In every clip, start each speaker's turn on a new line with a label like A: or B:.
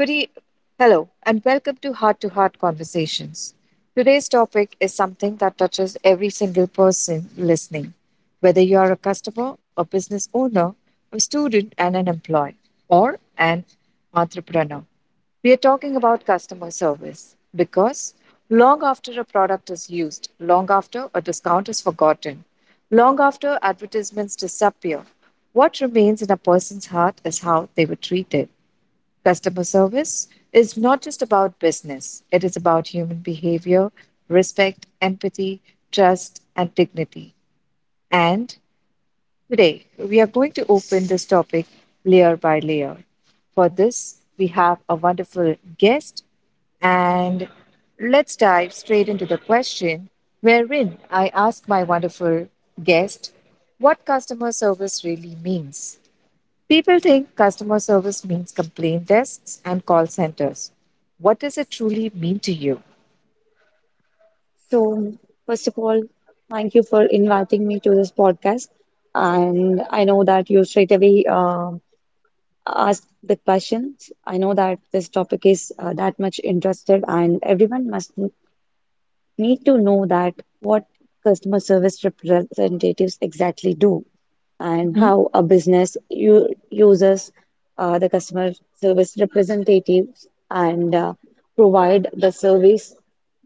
A: Good e- Hello, and welcome to Heart Conversations. Today's topic is something that touches every single person listening, whether you are a customer, a business owner, a student, and an employee, or an entrepreneur. We are talking about customer service because long after a product is used, long after a discount is forgotten, long after advertisements disappear, what remains in a person's heart is how they were treated. Customer service is not just about business, it is about human behavior, respect, empathy, trust, and dignity. And today, we are going to open this topic layer by layer. For this, we have a wonderful guest, and let's dive straight into the question wherein I ask my wonderful guest what customer service really means. People think customer service means complaint desks and call centers. What does it truly mean to you?
B: So, first of all, thank you for inviting me to this podcast. And I know that you straight away asked the questions. I know that this topic is that much interested, and everyone must need to know that what customer service representatives exactly do and
A: Mhm,
B: how a business uses the customer service representatives and provide the service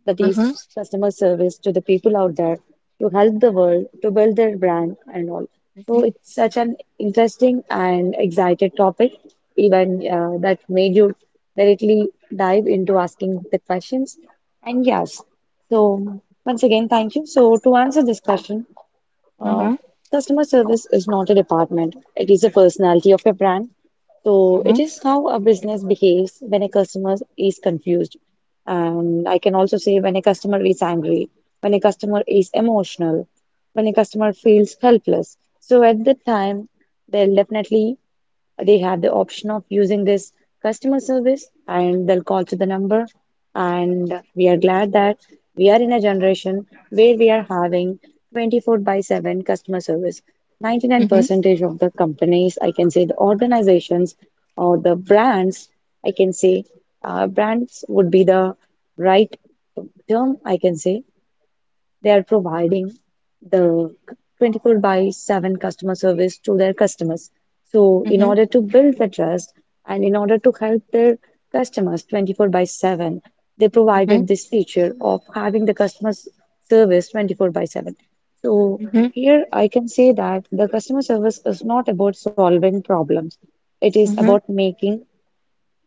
B: that is
A: mhm,
B: customer service to the people out there to help the world to build their brand and all. So
A: mhm,
B: it's such an interesting and excited topic, even that made you directly dive into asking the questions. And yes, so, once again, thank you. So, to answer this question, uh,
A: mhm,
B: customer service is not a department, it is a personality of a brand. So,
A: mhm,
B: it is how a business behaves when a customer is confused. And I can also say when a customer is angry, when a customer is emotional, when a customer feels helpless. So, at that time, they'll definitely they have the option of using this customer service and they'll call to the number. And we are glad that we are in a generation where we are having 24 by 7 customer service. 99 percentage of the companies, I can say the organizations or the brands, I can say brands would be the right term, I can say. They are providing the 24 by 7 customer service to their customers. So,
A: mhm,
B: in
A: mhm,
B: order to build the trust and in order to help their customers 24 by 7, they
A: mhm,
B: provided this feature of having the customer service 24 by 7. So,
A: mhm,
B: here I can say that the customer service is not about solving problems, it is
A: mhm,
B: about making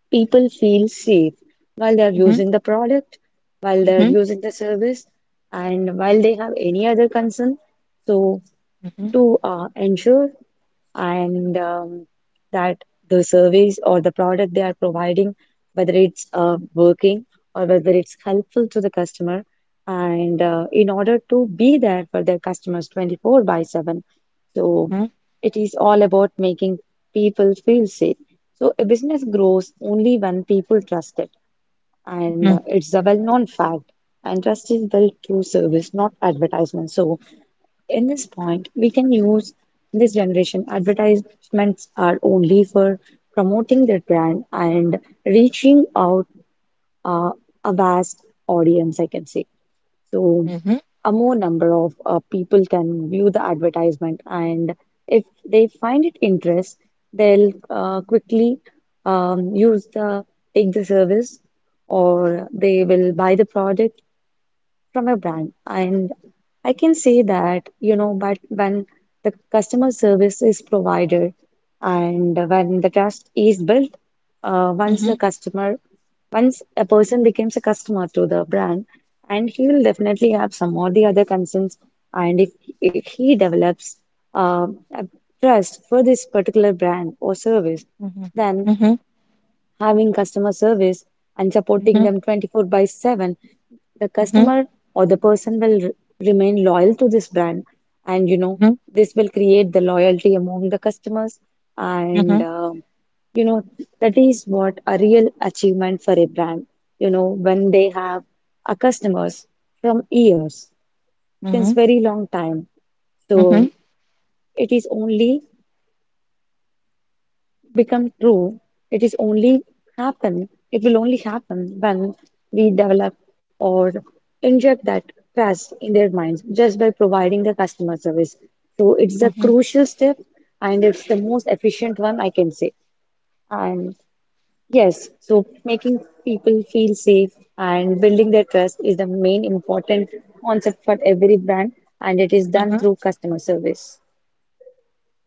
B: people feel safe while they're
A: mhm,
B: using the product, while
A: mhm, mhm, mhm,
B: they're
A: mhm,
B: using the service, and while they have any other concern. So, to ensure and that the service or the product they are providing, whether it's working or whether it's helpful to the customer, and in order to be there for their customers 24 by 7. So it is all about making people feel safe. So a business grows only when people trust it, and
A: mhm,
B: it's a well-known fact. And trust is built through service, not advertisement. So in this point, we can use this generation advertisements are only for promoting their brand and reaching out uh, a vast audience, I can say. So,
A: mhm, mhm, mhm, mhm, mhm,
B: a more number of people can view the advertisement, and if they find it interest, they'll quickly use the take the service or they will buy the product from your brand. And I can say that, but when the customer service is provided and when the trust is built, uh,
A: mhm,
B: once the
A: mhm,
B: customer, once a person becomes a customer to the brand, and he will definitely have some or the other concerns. And if he develops uh, a trust for this particular brand or service,
A: mhm,
B: then having customer service and supporting them 24 by 7 the customer or the person will remain loyal to this brand, and you know this will create the loyalty among the customers, and you know that is what a real achievement for a brand, you know, when they have a customers from years, since very long time. So
A: mhm,
B: it is only become true, it is only it will only happen when we develop or inject that trust in their minds just by providing the customer service. So it's a
A: mhm, mhm,
B: crucial step, and it's the most efficient one I can say. And yes, so making people feel safe and building their trust is the main important concept for every brand, and it is done
A: mhm.
B: through customer service.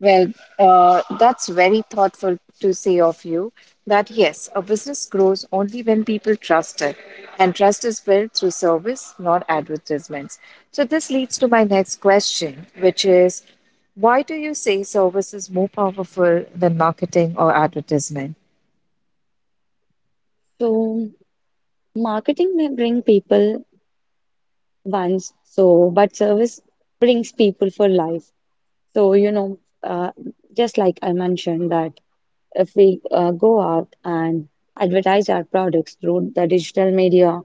A: Well, that's very thoughtful to say of you that yes, a business grows only when people trust it, and trust is built through service, not advertisements. So, this leads to my next question, which is why do you say service is more powerful than marketing or advertisement?
B: So marketing may bring people once. So, but service brings people for life. So, uh, just like I mentioned, that if we go out and advertise our products through the digital media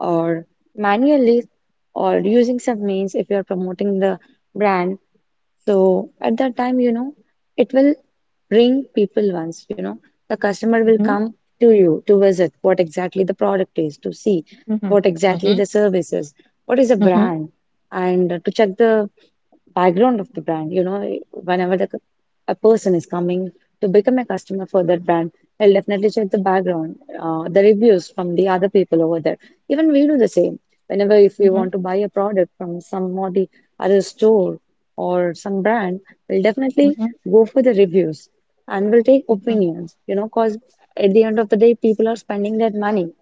B: or manually or using some means, if you're promoting the brand, so at that time, it will bring people once. The customer will
A: Mhm,
B: come to you to visit what exactly the product is, to see
A: mhm,
B: what exactly
A: mhm,
B: the service is, what is the
A: mhm,
B: brand, and to check the background of the brand. Whenever a person is coming to become a customer for that brand, they'll definitely check the background, the reviews from the other people over there. Even we do the same. Whenever if we
A: mhm,
B: want to buy a product from some or the other store or some brand, we'll definitely
A: mhm,
B: go for the reviews and we'll take
A: mhm,
B: opinions. Cause at the end of the day, people are spending their money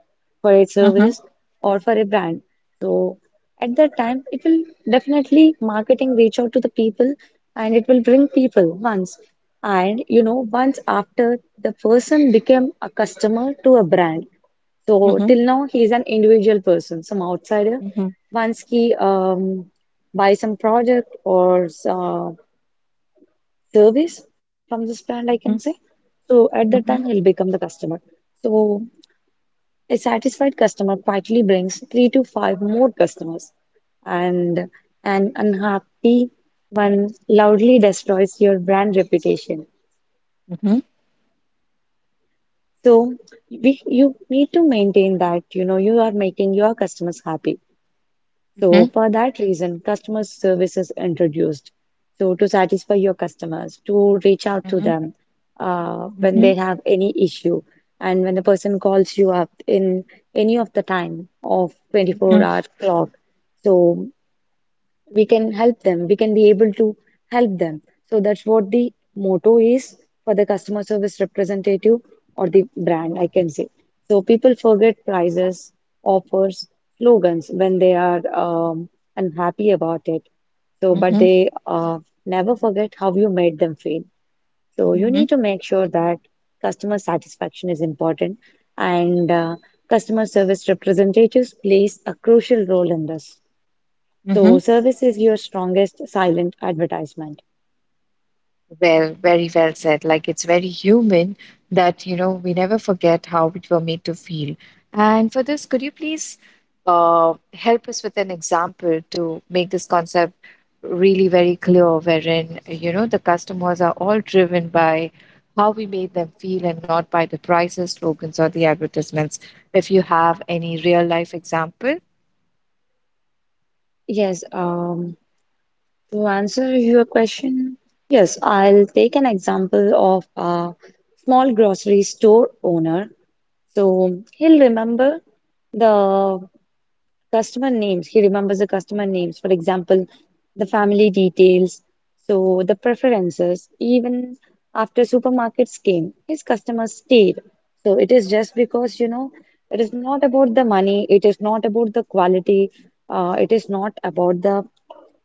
B: for a
A: mhm,
B: service or for a brand. So at that time, it will definitely marketing reach out to the people, and it will bring people once. And once after the person became a customer to a brand.
A: mhm,
B: So
A: mhm,
B: till now, he is an individual person, some outsider.
A: mhm,
B: Once he buys some product or service from this brand, I can say.
A: mhm,
B: So at that time, he'll
A: mhm,
B: become the customer. So a satisfied customer quietly brings 3 to 5 more customers, and an unhappy one loudly destroys your brand reputation.
A: mhm,
B: So you need to maintain that, you are making your customers happy.
A: mhm,
B: So for that reason, customer service is introduced. So to satisfy your customers, to reach out to them when they have any issue, and when the person calls you up in any of the time of 24
A: mhm,
B: hour clock. So we can be able to help them. So that's what the motto is for the customer service representative or the brand, I can say. So people forget prices, offers, slogans when they are unhappy about it. So
A: mhm,
B: but
A: mhm,
B: they never forget how you made them feel. So you
A: mhm,
B: need to make sure that customer satisfaction is important, and customer service representatives plays a crucial role in this. So,
A: mhm.
B: service is your strongest silent advertisement.
A: Well, very well said. Like it's very human that, we never forget how we were made to feel. And for this, could you please help us with an example to make this concept really very clear, wherein, the customers are all driven by how we made them feel and not by the prices, slogans, or the advertisements. If you have any real life example.
B: Yes, to answer your question, yes, I'll take an example of a small grocery store owner. So the he remembers the customer names, for example, the family details, so the preferences. Even after supermarkets came, his customers stayed. So it is just because, it is not about the money, it is not about the quality, it is not about the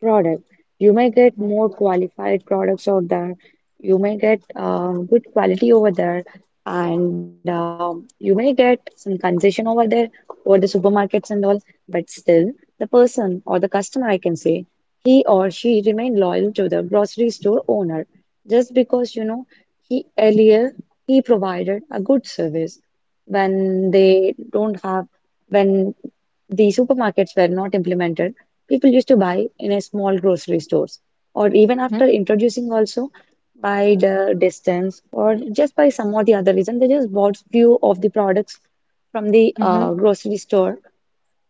B: product. You may get
A: Mhm,
B: more qualified products out there. You may get good quality over there, and you may get some concession over there over the supermarkets and all. But still, the person or the customer, I can say, he or she remain loyal to the grocery store owner just because, he earlier he provided a good service when they don't have when the supermarkets were not implemented. People used to buy in a small grocery stores, or even
A: mhm,
B: after introducing also, by the distance or just by some or the other reason, they just bought few of the products from the
A: mhm,
B: grocery store,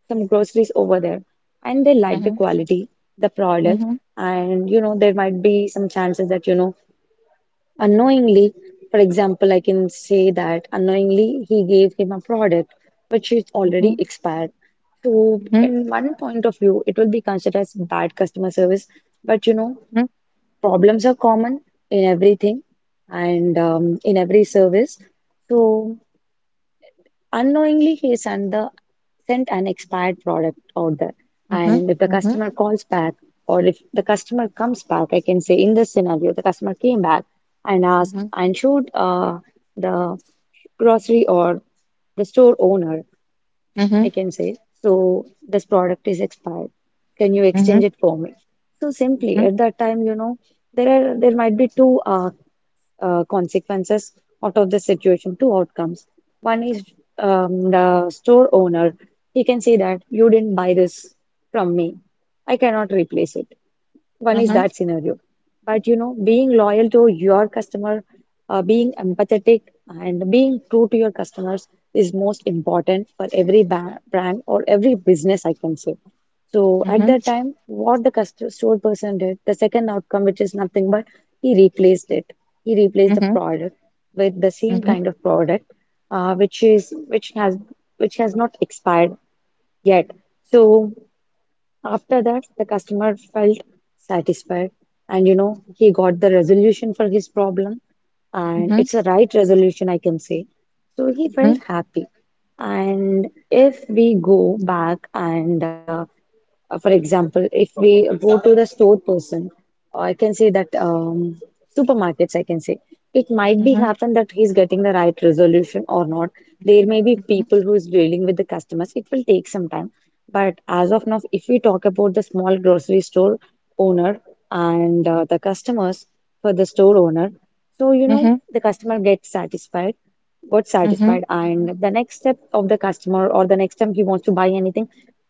B: some groceries over there, and they like the
A: mhm,
B: quality, the product.
A: mhm,
B: And you know there might be some chances that, unknowingly for example, I can say that unknowingly he gave him a product which is already
A: mhm,
B: expired. So
A: mhm,
B: in one point of view it will be considered as bad customer service. But
A: mhm,
B: problems are common in everything and in every service. So unknowingly he sent an expired product out there.
A: mhm,
B: And if the
A: mhm,
B: customer calls back, or if the customer comes back, I can say, in this scenario the customer came back and asked
A: mhm,
B: and showed the grocery or the store owner, I
A: mhm,
B: can say, so this product is expired, can you exchange
A: mhm,
B: it for me? So simply
A: mhm,
B: at that time, there might be two consequences out of the situation, two outcomes. One is, the store owner, he can say that you didn't buy this from me, I cannot replace it. One is
A: mhm,
B: that scenario. But being loyal to your customer, being empathetic, and being true to your customers is most important for every ba brand or every business, I can say. So at
A: mhm,
B: that time, what the customer store person did, the second outcome, which is nothing but he replaced it. He replaced
A: mhm,
B: the
A: mhm,
B: product with the same
A: mhm.
B: kind of product, uh, which is which has which has not expired yet. So. After that, the customer felt satisfied, and he got the resolution for his problem, and
A: Mhm.
B: it's a right resolution, I can say. So he
A: Mhm,
B: felt happy. And if we go back and for example, if we go to the store person, or I can say that supermarkets, I can say it might be
A: mhm,
B: happen that he's getting the right resolution or not. There may be
A: mhm,
B: people who is dealing with the customers. It will take some time, but as of now, if we talk about the small grocery store owner and the customers for the store owner, so you know
A: mhm,
B: the customer gets satisfied got
A: mhm,
B: satisfied and the next step of the customer or the next time he wants to buy anything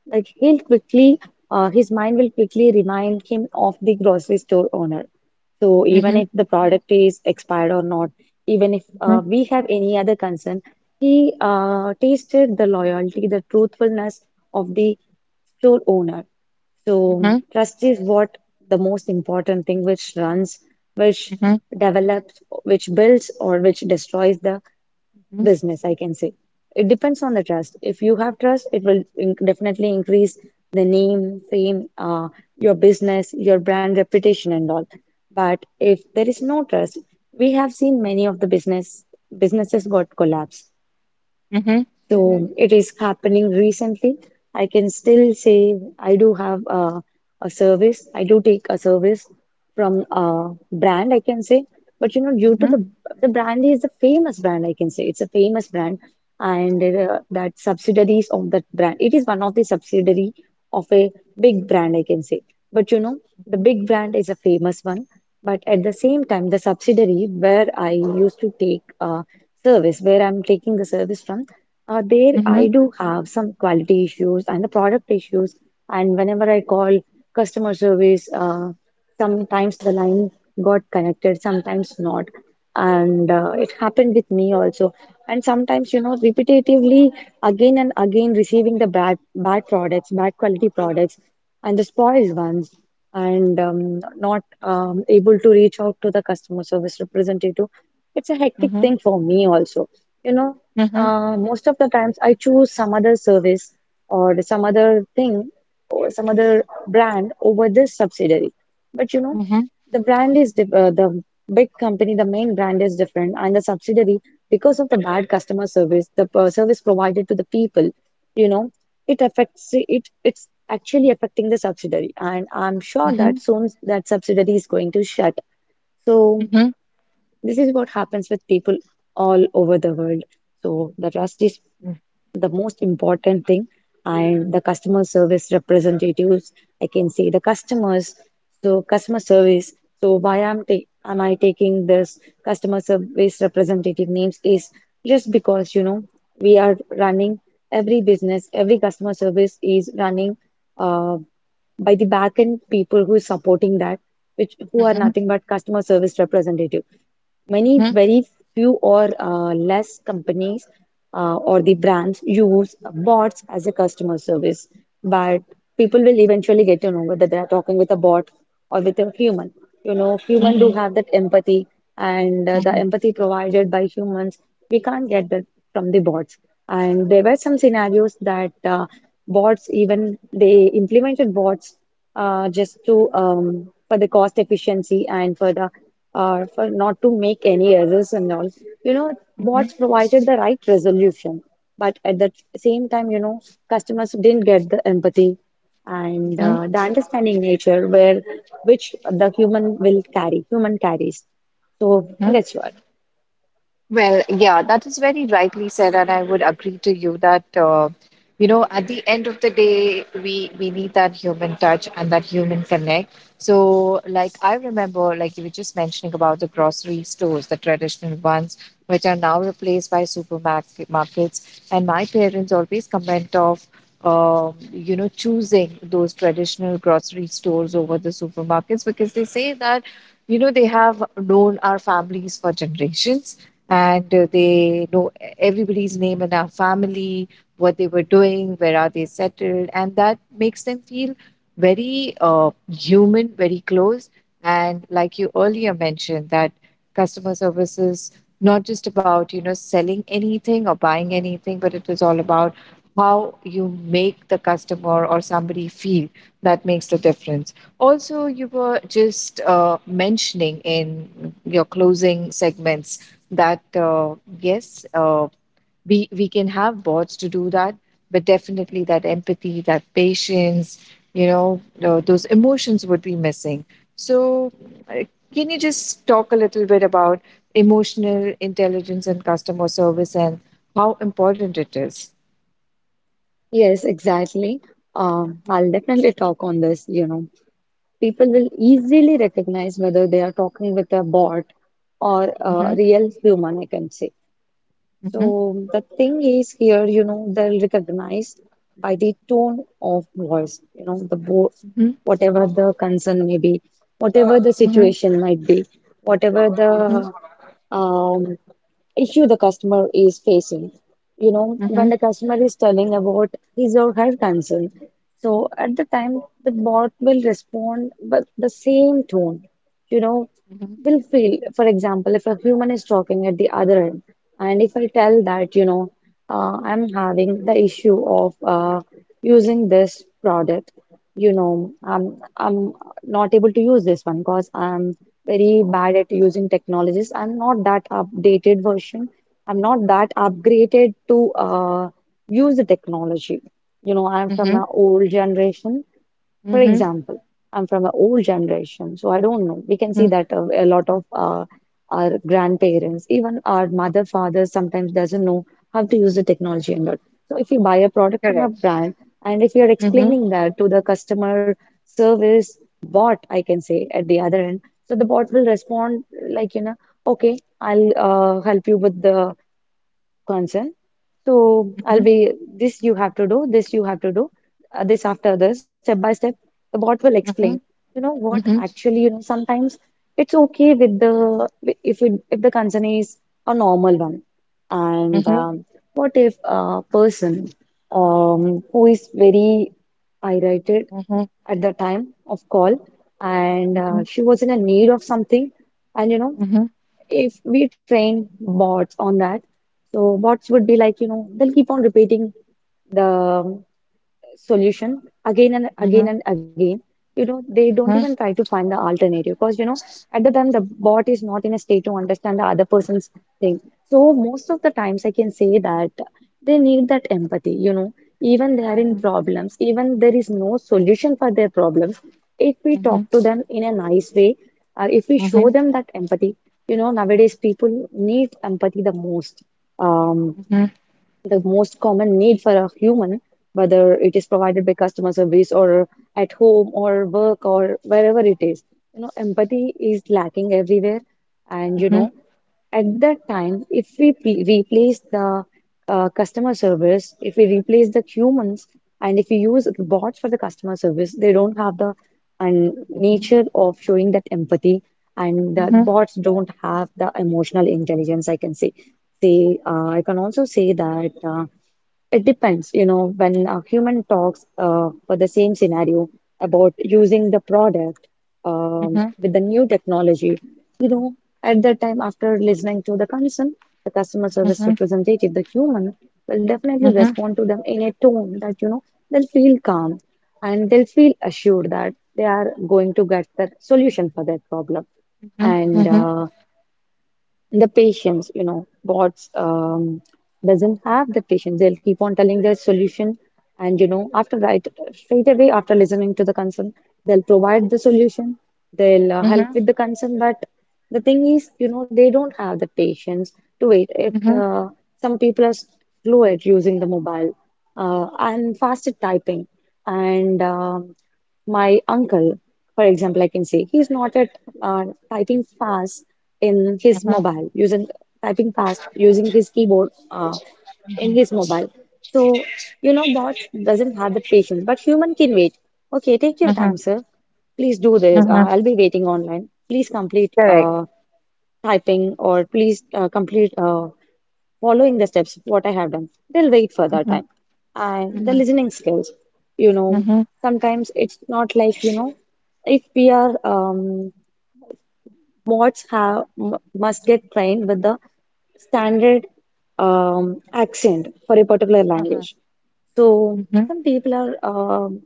B: like he'll his mind will quickly remind him of the grocery store owner. So even
A: mhm,
B: if the product is expired or not, even if
A: mhm,
B: we have any other concern, he tasted the loyalty, the truthfulness of the store owner. So
A: mhm,
B: trust is what the most important thing which runs, which
A: mhm,
B: develops, which builds, or which destroys the
A: mhm,
B: business, I can say. It depends on the trust. If you have trust, it will in definitely increase the name, fame, your business, your brand reputation, and all. But if there is no trust, we have seen many of the businesses got collapsed.
A: mhm,
B: So it is happening recently. I can still say I do have a service. I do take a service from a brand, I can say. But you know,
A: mhm,
B: due to
A: mhm,
B: the brand is a famous brand, I can say it's a famous brand, and that subsidiaries of that brand. It is one of the subsidiary of a big brand, I can say. But you know, the big brand is a famous one. But at the same time, the subsidiary where I used to take service, where I'm taking the service from. There, I
A: mhm,
B: do have some quality issues and the product issues. And whenever I call customer service, sometimes the line got connected, sometimes not. And it happened with me also. And sometimes, you know, repetitively again and again receiving the bad, bad products, bad quality products, and the spoiled ones, and not able to reach out to the customer service representative. It's a hectic thing for me also. You know
A: mhm,
B: Most of the times I choose some other service or some other thing or some other brand over this subsidiary. But you know,
A: mhm,
B: the brand is diff the big company, the main brand is different, and the subsidiary, because of the bad customer service, the service provided to the people, you know, it affects it. It's actually affecting the subsidiary, and I'm sure that soon that subsidiary is going to shut. So. This is what happens with people all over the world. So the trust is the most important thing and the customer service representatives I can say the customers so customer service so why am ta am I taking this customer service representative names is just because you know we are running every business every customer service is running uh, by the back end people who is supporting that, which who are nothing but customer service representative. Many, very few or less companies or the brands use bots as a customer service, but people will eventually get to know whether they are talking with a bot or with a human. You know, human do have that empathy, and the empathy provided by humans we can't get that from the bots. And there were some scenarios that bots even they implemented bots just to for the cost efficiency and for the for not to make any errors and all, you know, bots provided the right resolution but at the same time you know customers didn't get the empathy and
A: mhm,
B: uh, the understanding nature where which the human will carry human carries so
A: mhm.
B: that's what.
A: Well, yeah, that is very rightly said, and I would agree to you that at the end of the day we need that human touch and that human connect. So, like I remember, like you were just mentioning about the grocery stores, the traditional ones, which are now replaced by supermarket markets, and my parents always comment of. Choosing those traditional grocery stores over the supermarkets because they say that, they have known our families for generations and they know everybody's name in our family, what they were doing, where are they settled, and that makes them feel very human, very close. And like you earlier mentioned, that customer service is not just about selling anything or buying anything, but it is all about how you make the customer or somebody feel that makes the difference. Also, you were just mentioning in your closing segments that yes, we can have bots to do that, but definitely that empathy, that patience, those emotions would be missing. So, uh, can you just talk a little bit about emotional intelligence and customer service and how important it is?
B: Yes, exactly. I'll definitely talk on this, you know. People will easily recognize whether they are talking with a bot or
A: Mhm,
B: a real human, I can say.
A: mhm,
B: So the thing is here, you know, they'll recognize by the tone of voice, you know, the board,
A: mhm,
B: whatever the concern may be, whatever the
A: mhm,
B: situation might be, whatever the
A: mhm,
B: um, issue the customer is facing. You know,
A: mhm,
B: when the customer is telling about his or her concern, so at the time the bot will respond with the same tone. You know,
A: mhm,
B: will feel, for example, if a human is talking at the other end. And if I tell that, you know, I'm having the issue of using this product, you know, I'm not able to use this one because I'm very bad at using technologies. I'm not that updated version. I'm not that upgraded to use the technology. You know, I'm from
A: mhm,
B: an old generation. For
A: mhm,
B: example, I'm from an old generation, so I don't know. We can see
A: mhm.
B: that a lot of our grandparents, even our mother, father, sometimes doesn't know how to use the technology and all. So if you buy a product from a
A: Correct.
B: brand, and if you're
A: Mhm,
B: explaining that to the customer service bot, I can say at the other end, so the bot will respond like, you know, okay, I'll help you with the concern. So I'll
A: mhm,
B: be this you have to do, this you have to do, this after this, step by step. The bot will explain.
A: mhm,
B: You know what?
A: mhm,
B: Actually, you know sometimes it's okay with the if it, if the concern is a normal one, and
A: mhm,
B: what if a person who is very irritated
A: mhm,
B: at the time of call and
A: mhm,
B: she was in a need of something, and you know
A: mhm,
B: if we train bots on that, so bots would be like, you know, they'll keep on repeating the solution again and again
A: mhm,
B: and again, you know they don't even
A: Mhm.
B: try to find the alternative because you know at the time the bot is not in a state to understand the other person's thing. So most of the times I can say that they need that empathy, you know, even they are in
A: Mhm.
B: problems even there is no solution for their problems if we
A: Mhm.
B: talk to them in a nice way, if we show
A: Mhm.
B: them that empathy, you know, nowadays people need empathy the most. um
A: Mhm.
B: the most common need for a human, whether it is provided by customer service or at home or work or wherever it is. You know, empathy is lacking everywhere. And, you
A: Mhm.
B: know, at that time, if we replace the customer service, if we replace the humans, and if we use bots for the customer service, they don't have the and
A: Mhm.
B: nature of showing that empathy, and the
A: Mhm.
B: bots don't have the emotional intelligence, I can say. I can also say that it depends. You know, when a human talks for the same scenario about using the product
A: Mhm.
B: with the new technology, you know, at that time after listening to the concern, the customer service
A: Mhm.
B: representative, the human will definitely
A: Mhm.
B: respond to them in a tone that you know they'll feel calm and they'll feel assured that they are going to get the solution for their problem.
A: Mhm.
B: And the patience, you know, bots doesn't have the patience. They'll keep on telling their solution, and you know, after right straight away after listening to the concern, they'll provide the solution. They'll help with the concern, but the thing is, you know, they don't have the patience to wait. If
A: Mhm.
B: the some people are slow at using the mobile and fast at typing, and my uncle, for example, I can say he's not at uh, typing fast in his mobile using typing fast using his keyboard in his mobile, so you know bots doesn't have the patience but human can wait. Okay, take
A: Mhm.
B: your
A: Mhm.
B: time, sir, please do this,
A: Mhm.
B: I'll be waiting online, please complete
A: Correct.
B: typing or please complete following the steps what I have done, they'll wait for that
A: Mhm.
B: time. And the
A: Mhm.
B: listening skills, you know,
A: Mhm.
B: sometimes it's not like, you know, if we are mods have m- must get trained with the standard um, accent for a particular language. So
A: Mhm.
B: some people are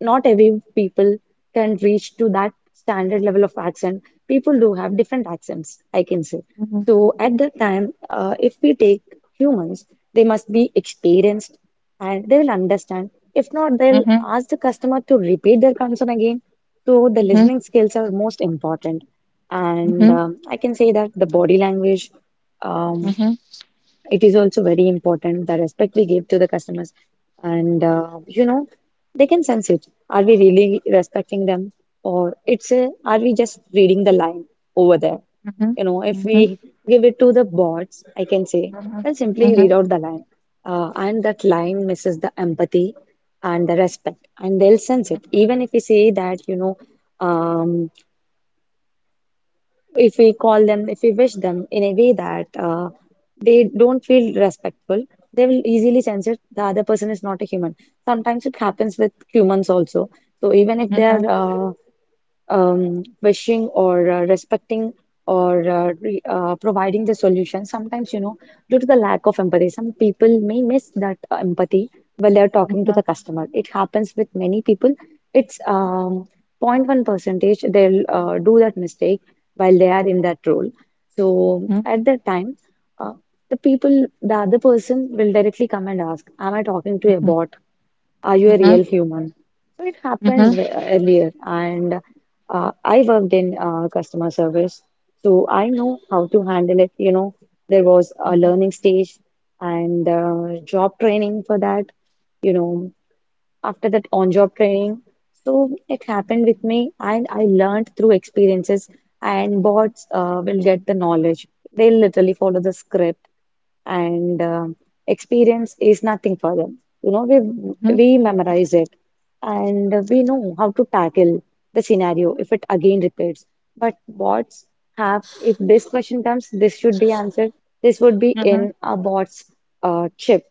B: not every people can reach to that standard level of accent. People do have different accents, I can say.
A: Mhm.
B: So at that time, if we take humans, they must be experienced and they will understand. If not, they'll
A: Mhm.
B: ask the customer to repeat their concern again. So the
A: Mhm.
B: listening skills are most important. And
A: Mhm.
B: I can say that the body language, um,
A: Mhm.
B: it is also very important, the respect we give to the customers. And, you know, they can sense it. Are we really respecting them? Or it's a, are we just reading the line over there?
A: Mhm.
B: You know, if
A: Mhm.
B: we give it to the bots, I can say, then simply read
A: Mhm.
B: out the line. And that line misses the empathy and the respect, and they'll sense it. Even if we say that, um, if we call them, if we wish them in a way that they don't feel respectful, they will easily sense it. The other person is not a human. Sometimes it happens with humans also. So even if
A: Mhm.
B: they are
A: Mhm.
B: uh, wishing or respecting or re providing the solution. Sometimes, due to the lack of empathy, some people may miss that empathy while they're talking to the customer. It happens with many people. It's zero point 0.1 percentage they'll do that mistake while they are in that role. So
A: Mhm.
B: at that time, uh, the people, the other person will directly come and ask, am I talking to a bot? Are you a
A: Mhm.
B: real human? So it
A: Mhm. Mhm. Mhm.
B: happened
A: Mhm.
B: earlier, and I worked in customer service, so I know how to handle it. You know, there was a
A: Mhm.
B: learning stage and job training for that, you know, after that on-job training. So it happened with me, and I learned through experiences, and bots will get the knowledge. They'll literally follow the script and experience is nothing for them. You know, we
A: Mhm.
B: we memorize it and we know how to tackle the scenario if it again repeats. But bots have, if this question comes, this should be answered. This would be in a bot's chip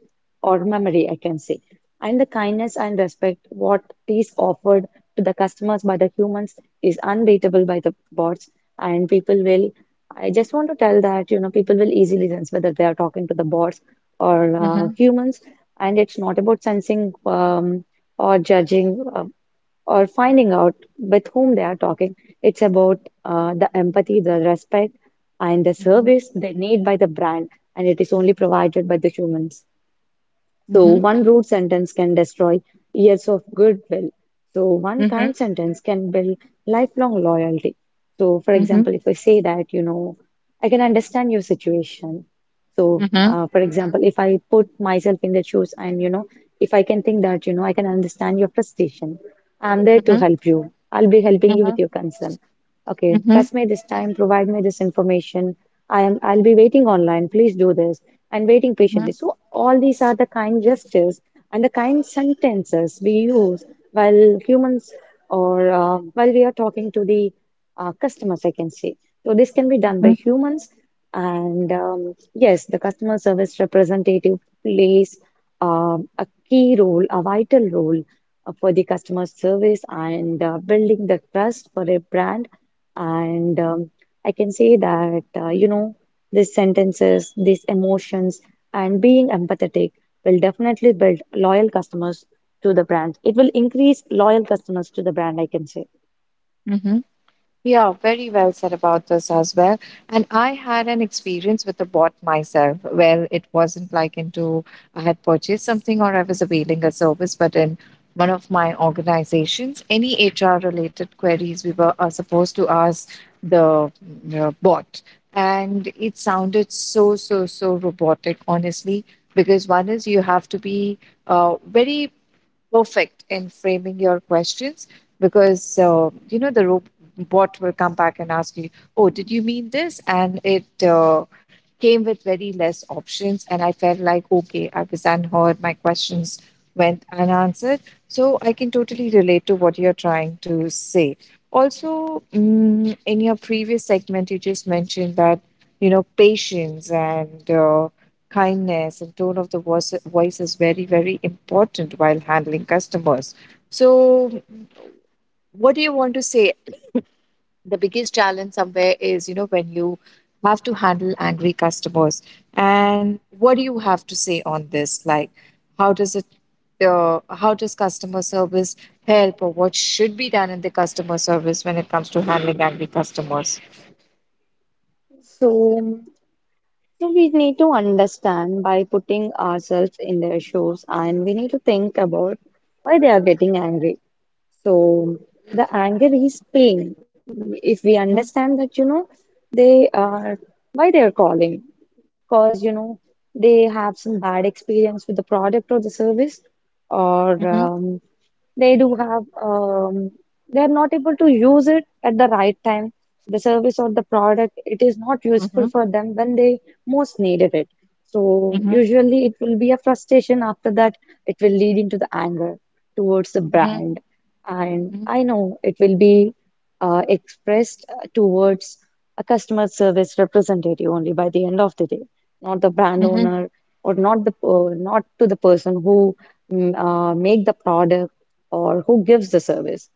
B: or memory, I can say. And the kindness and respect what is offered to the customers by the humans is unbeatable by the bots, and people will I just want to tell that, you know, people will easily sense whether they are talking to the bots or
A: Mhm.
B: humans, and it's not about sensing or judging or finding out with whom they are talking. It's about the empathy, the respect, and the service they need by the brand, and it is only provided by the humans. So one rude sentence can destroy years of goodwill. So one kind sentence can build lifelong loyalty. So for example, if I say that, you know, I can understand your situation. So for example, if I put myself in their shoes and, you know, if I can think that, you know, I can understand your frustration, I'm there to help you. I'll be helping you with your concern. Okay, trust me this time, provide me this information. I'll be waiting online. Please do this. And waiting
A: Mhm.
B: patiently.
A: Mhm.
B: So all these are the kind gestures and the kind sentences we use while humans or while we are talking to the customers, I can say. So this can be done by
A: Mhm.
B: humans and yes, the customer service representative plays a key role, a vital role for the customer service and building the trust for a brand and I can say that, you know, these sentences, these emotions, and being empathetic will definitely build loyal customers to the brand. It will increase loyal customers to the brand, I can say.
A: Mhm. Yeah, very well said about this as well. And I had an experience with a bot myself. Well, it wasn't like into I had purchased something or I was availing a service, but in one of my organizations, any HR related queries we were are supposed to ask the bot. And it sounded so, so, so robotic, honestly, because one is you have to be very perfect in framing your questions because the robot will come back and ask you, oh, did you mean this, and it came with very less options. And I felt like, okay, I was unheard, my questions went unanswered. So I can totally relate to what you're trying to say. Also, in your previous segment you just mentioned that patience and kindness and tone of the voice, voice is very very important while handling customers. So what do you want to say, the biggest challenge somewhere is, when you have to handle angry customers. And what do you have to say on this, like how does it how does customer service help, or what should be done in the customer service when it comes to handling angry customers?
B: So, so we need to understand by putting ourselves in their shoes and we need to think about why they are getting angry. So the anger is pain. If we
A: Mhm,
B: understand that, you know, they are why they are calling, because you know they have some bad experience with the product or the service, or
A: mhm,
B: they do have they are not able to use it at the right time. The service or the product, it is not useful
A: mhm,
B: for them when they most needed it. So
A: mhm,
B: usually it will be a frustration. After that, it will lead into the anger towards the
A: mhm,
B: brand and
A: mhm,
B: I know it will be expressed towards a customer service representative only by the end of the day, not the brand
A: mhm,
B: owner or not the not to the person who make the product or who gives the service.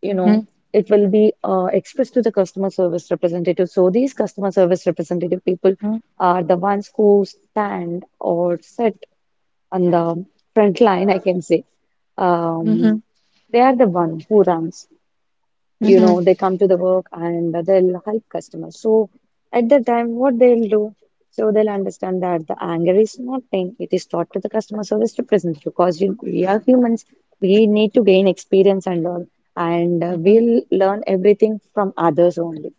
B: You know,
A: mhm,
B: it will be expressed to the customer service representative. So these customer service representative people
A: mhm,
B: are the ones who stand or sit on the front line, I can say.
A: mhm,
B: Um, they are the one who runs.
A: mhm,
B: You
A: mhm,
B: know, they come to the work and they'll help customers. So at that time, what they'll do, so they'll understand that the anger is not pain. It is taught to the customer service representative because you, we are humans. We need to gain experience and all, and
A: Mhm,
B: we'll learn everything from others only.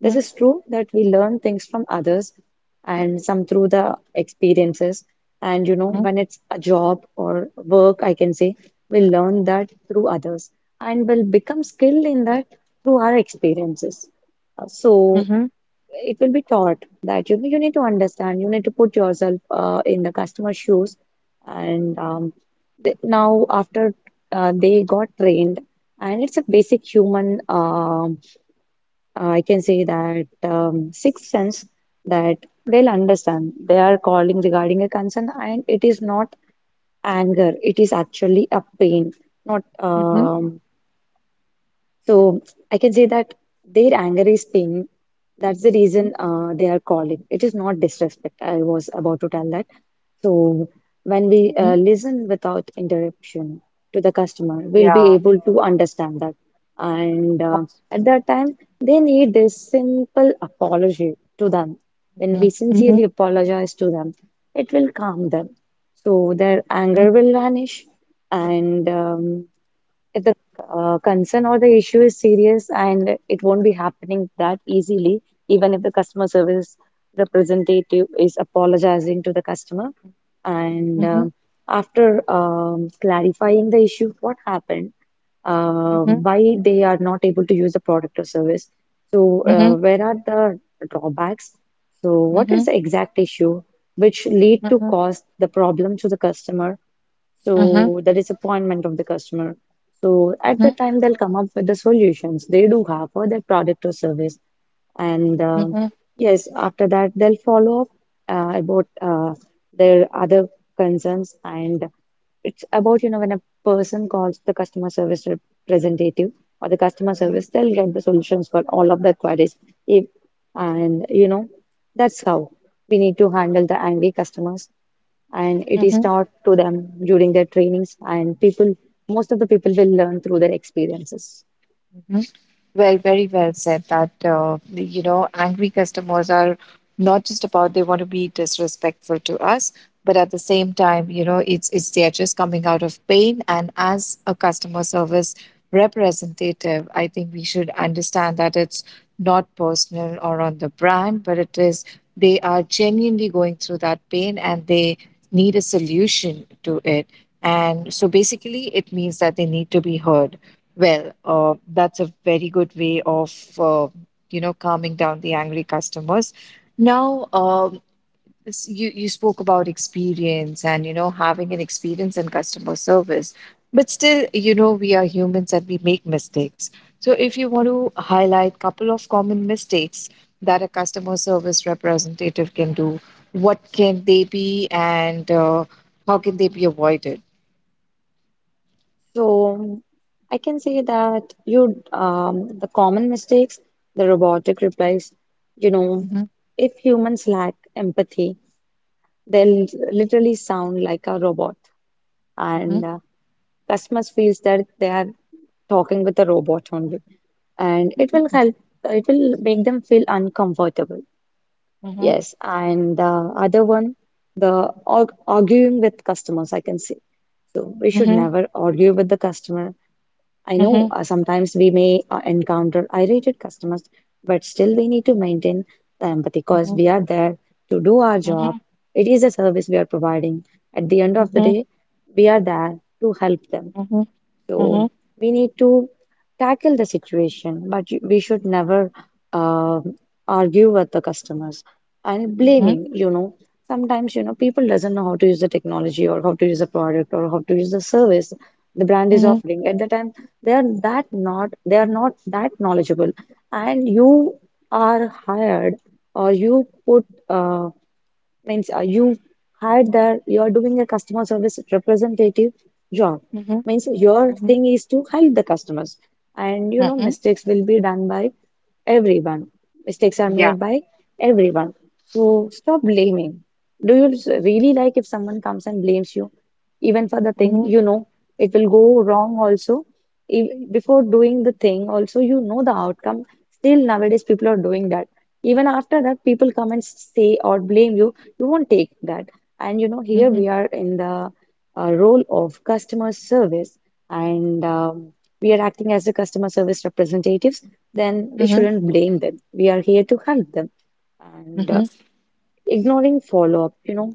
B: This is true that we learn things from others and some through the experiences. And you know,
A: mhm,
B: when it's a job or work, I can say, we learn that through others and we will become skilled in that through our experiences. So
A: mhm,
B: it will be taught that you know you need to understand, you need to put yourself in the customer's shoes. And now after they got trained, and it's a basic human I can say that sixth sense that they'll understand. They are calling regarding a concern, and it is not anger. It is actually a pain. Not
A: mhm,
B: so I can say that their anger is pain. That's the
A: mhm,
B: reason they are calling. It is not disrespect. I was about to tell that. So, when we
A: mhm.
B: listen without interruption to the customer, we'll be
A: Yeah,
B: able to understand that. And
A: abs-
B: at that time, they need this simple apology to them. When we
A: Mhm,
B: sincerely
A: mhm,
B: apologize to them, it will calm them. So, their
A: mhm,
B: anger will vanish and if the concern or the issue is serious and it won't be happening that easily, even if the customer service representative is apologizing to the customer. And
A: mhm,
B: after clarifying the issue, what happened, uh,
A: mhm,
B: why they are not able to use the product or service. So,
A: mhm, mhm,
B: where are the drawbacks? So, what is
A: mhm,
B: the exact issue which lead
A: mhm,
B: to
A: mhm,
B: cause the problem to the customer? So the disappointment of the customer. So at the time they'll come up with the solutions they do have for their product or service, and
A: mhm, mhm,
B: yes, after that they'll follow up about their other concerns, and it's about you know when a person calls the customer service representative or the customer service, they'll get the solutions for all of their queries. If and you know that's how we need to handle the angry customers and it
A: mhm,
B: is
A: mhm.
B: taught to them during their trainings and people most of the people will learn through their experiences.
A: mhm. Well, very well said that, angry customers are not just about they want to be disrespectful to us, but at the same time, it's they're just coming out of pain. And as a customer service representative, I think we should understand that it's not personal or on the brand, but it is they are genuinely going through that pain and they need a solution to it. And so basically it means that they need to be heard. Well, that's a very good way of uh, calming down the angry customers. Now, you spoke about experience and having an experience in customer service, but still, we are humans and we make mistakes. So, if you want to highlight couple of common mistakes that a customer service representative can do, what can they be, and how can they be avoided?
B: So I can say that you the common mistakes the robotic replies you know
A: Hmm.
B: if humans lack empathy they'll literally sound like a robot and
A: Hmm.
B: customers feels that they are talking with a robot only and it will help it will make them feel uncomfortable.
A: Hmm.
B: Yes, and the other one, the arguing with customers, I can say. So we should never argue with the customer. I know
A: Hmm.
B: sometimes we may encounter irritated customers, but still we need to maintain the empathy because
A: Hmm.
B: we are there to do our job.
A: Hmm.
B: It is a service we are providing. At the end of the
A: Mhm,
B: day, we are there to help them.
A: mhm,
B: So
A: mhm,
B: we need to tackle the situation, but we should never uh, argue with the customers and
A: mhm,
B: blaming, you know. Sometimes, you know, people doesn't know how to use the technology or how to use the product or how to use the service the brand is
A: mhm,
B: offering. At the time, they are not that knowledgeable, and you are hired or you put means you hired there you are doing a customer service representative job
A: mhm,
B: means your
A: mhm,
B: thing is to help the customers and you know
A: mhm.
B: mistakes will be done by everyone. Mistakes are
A: Yeah.
B: made by everyone. So stop blaming. Do you really like if someone comes and blames you, even for the thing
A: Mhm,
B: you know it will go wrong also? If, before doing the thing, also you know the outcome. Still nowadays, people are doing that. Even after that, people come and say or blame you. You won't take that. And you know, here
A: mhm,
B: we are in the role of customer service, and we are acting as the customer service representatives then we
A: mhm,
B: shouldn't blame them. We are here to help them. And
A: mhm,
B: ignoring follow up, you know,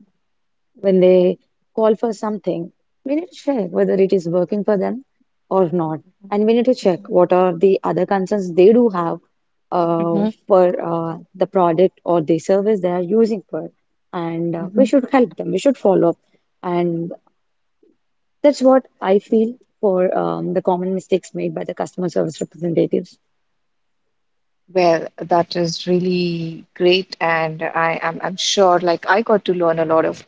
B: when they call for something, we need to check whether it is working for them or not.
A: mhm,
B: And we need to check
A: mhm,
B: what are the other concerns they do have uh,
A: mhm,
B: for the product or the service they are using for. And we
A: mhm.
B: should help them, we should follow up. And that's what I feel for the common mistakes made by the customer service representatives.
A: Well, that is really great, and I'm sure like I got to learn a lot of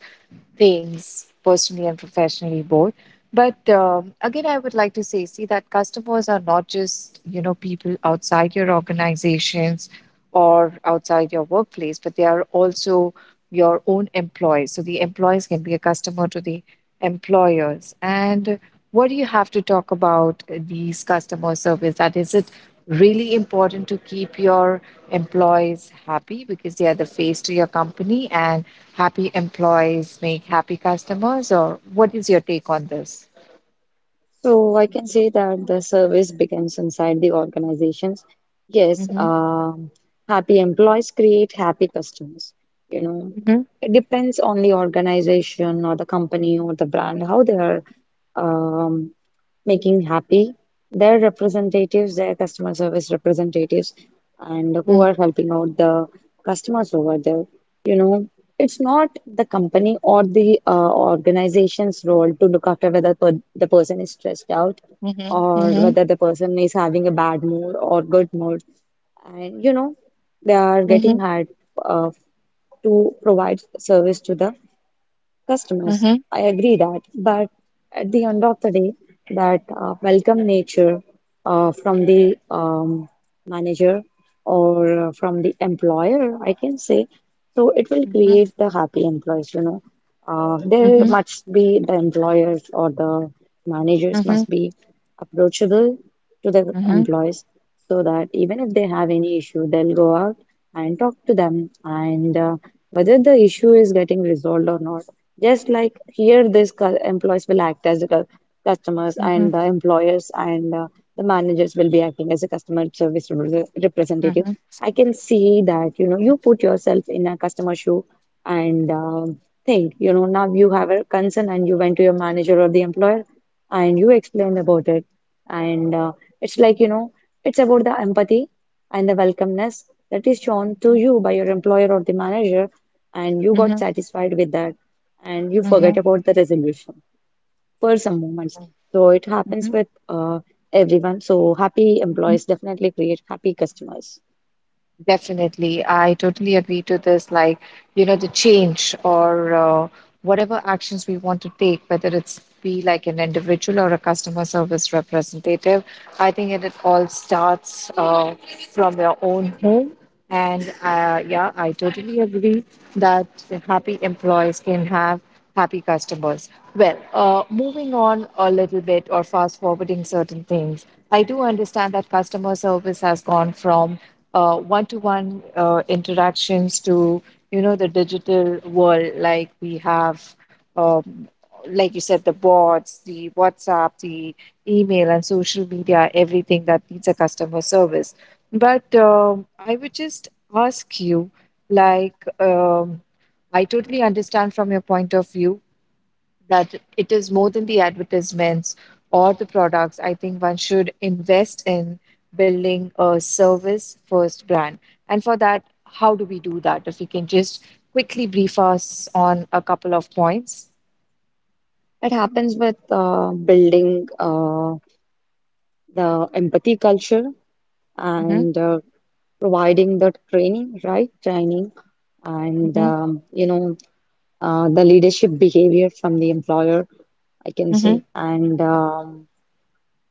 A: things personally and professionally both. But again, I would like to say, see that customers are not just people outside your organizations or outside your workplace, but they are also your own employees. So the employees can be a customer to the employers. And what do you have to talk about these customer service? That is it really important to keep your employees happy because they are the face to your company and happy employees make happy customers, or what is your take on this?
B: So I can say that the service begins inside the organizations. Yes,
A: Mm-hmm,
B: happy employees create happy customers. You know,
A: mm-hmm,
B: it depends on the organization or the company or the brand how they are. Um, Making happy their representatives, their customer service representatives, and who
A: mm-hmm,
B: are helping out the customers over there. You know, it's not the company or the organization's role to look after whether per the person is stressed out or
A: mm-hmm,
B: whether the person is having a bad mood or good mood. And you know, they are
A: mm-hmm,
B: getting hired uh, to provide service to the customers.
A: mm-hmm,
B: I agree that, but at the end of the day, that welcome nature from the manager or from the employer, I can say, so it will
A: mm-hmm,
B: create the happy employees, you know. There
A: mm-hmm,
B: must be the employers or the managers
A: mm-hmm,
B: must be approachable to the
A: mm-hmm, mm-hmm,
B: employees so that even if they have any issue, they'll go out and talk to them and whether the issue is getting resolved or not just like here, these employees will act as the customers,
A: mm-hmm,
B: and the employers and the managers will be acting as a customer service representative.
A: mm-hmm,
B: I can see that, you know, you put yourself in a customer shoe and think, you know, now you have a concern and you went to your manager or the employer and you explained about it. And it's like, you know, it's about the empathy and the welcomeness that is shown to
A: mm-hmm,
B: you by your employer or the manager, and you got satisfied with that and you forget about the resolution for some moments. So it happens with everyone. So happy
A: Mm-hmm.
B: employees definitely create happy customers.
A: Definitely. I totally agree to this. Like, the change or whatever actions we want to take, whether it's be like an individual or a customer service representative, I think it all starts from your own home. And yeah, I totally agree that happy employees can have happy customers. Well, moving on a little bit or fast forwarding certain things, I do understand that customer service has gone from one-to-one interactions to the digital world, like we have um, like you said, the bots, the WhatsApp, the email, and social media, everything that needs a customer service, but I would just ask you, like, I totally understand from your point of view that it is more than the advertisements or the products. I think one should invest in building a service first brand. And for that, how do we do that? If you can just quickly brief us on a couple of points.
B: It happens with building the empathy culture
A: Mm-hmm,
B: and providing the training, right? Training and
A: mm-hmm,
B: you know the leadership behavior from the employer, I can
A: mm-hmm,
B: say, and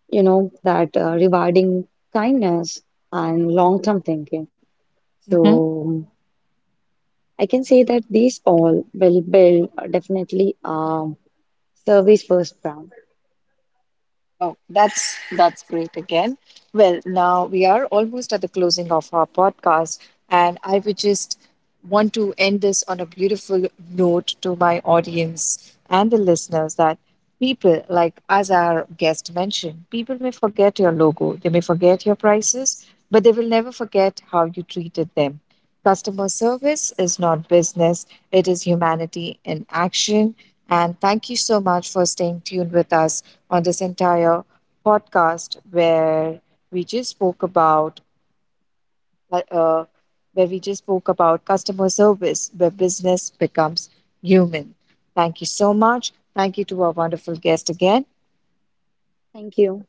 B: you know that rewarding kindness and
A: mm-hmm.
B: long-term thinking. So. um, I can say that these all will build definitely a service first brand.
A: Oh, that's great again. Well, now we are almost at the closing of our podcast, and I would just want to end this on a beautiful note to my audience and the listeners that people, like as our guest mentioned, people may forget your logo, they may forget your prices, but they will never forget how you treated them. Customer service is not business, it is humanity in action. And thank you so much for staying tuned with us on this entire podcast we just spoke about uh, uh, where we just spoke about customer service where business becomes human. Thank you so much. Thank you to our wonderful guest again.
B: Thank you.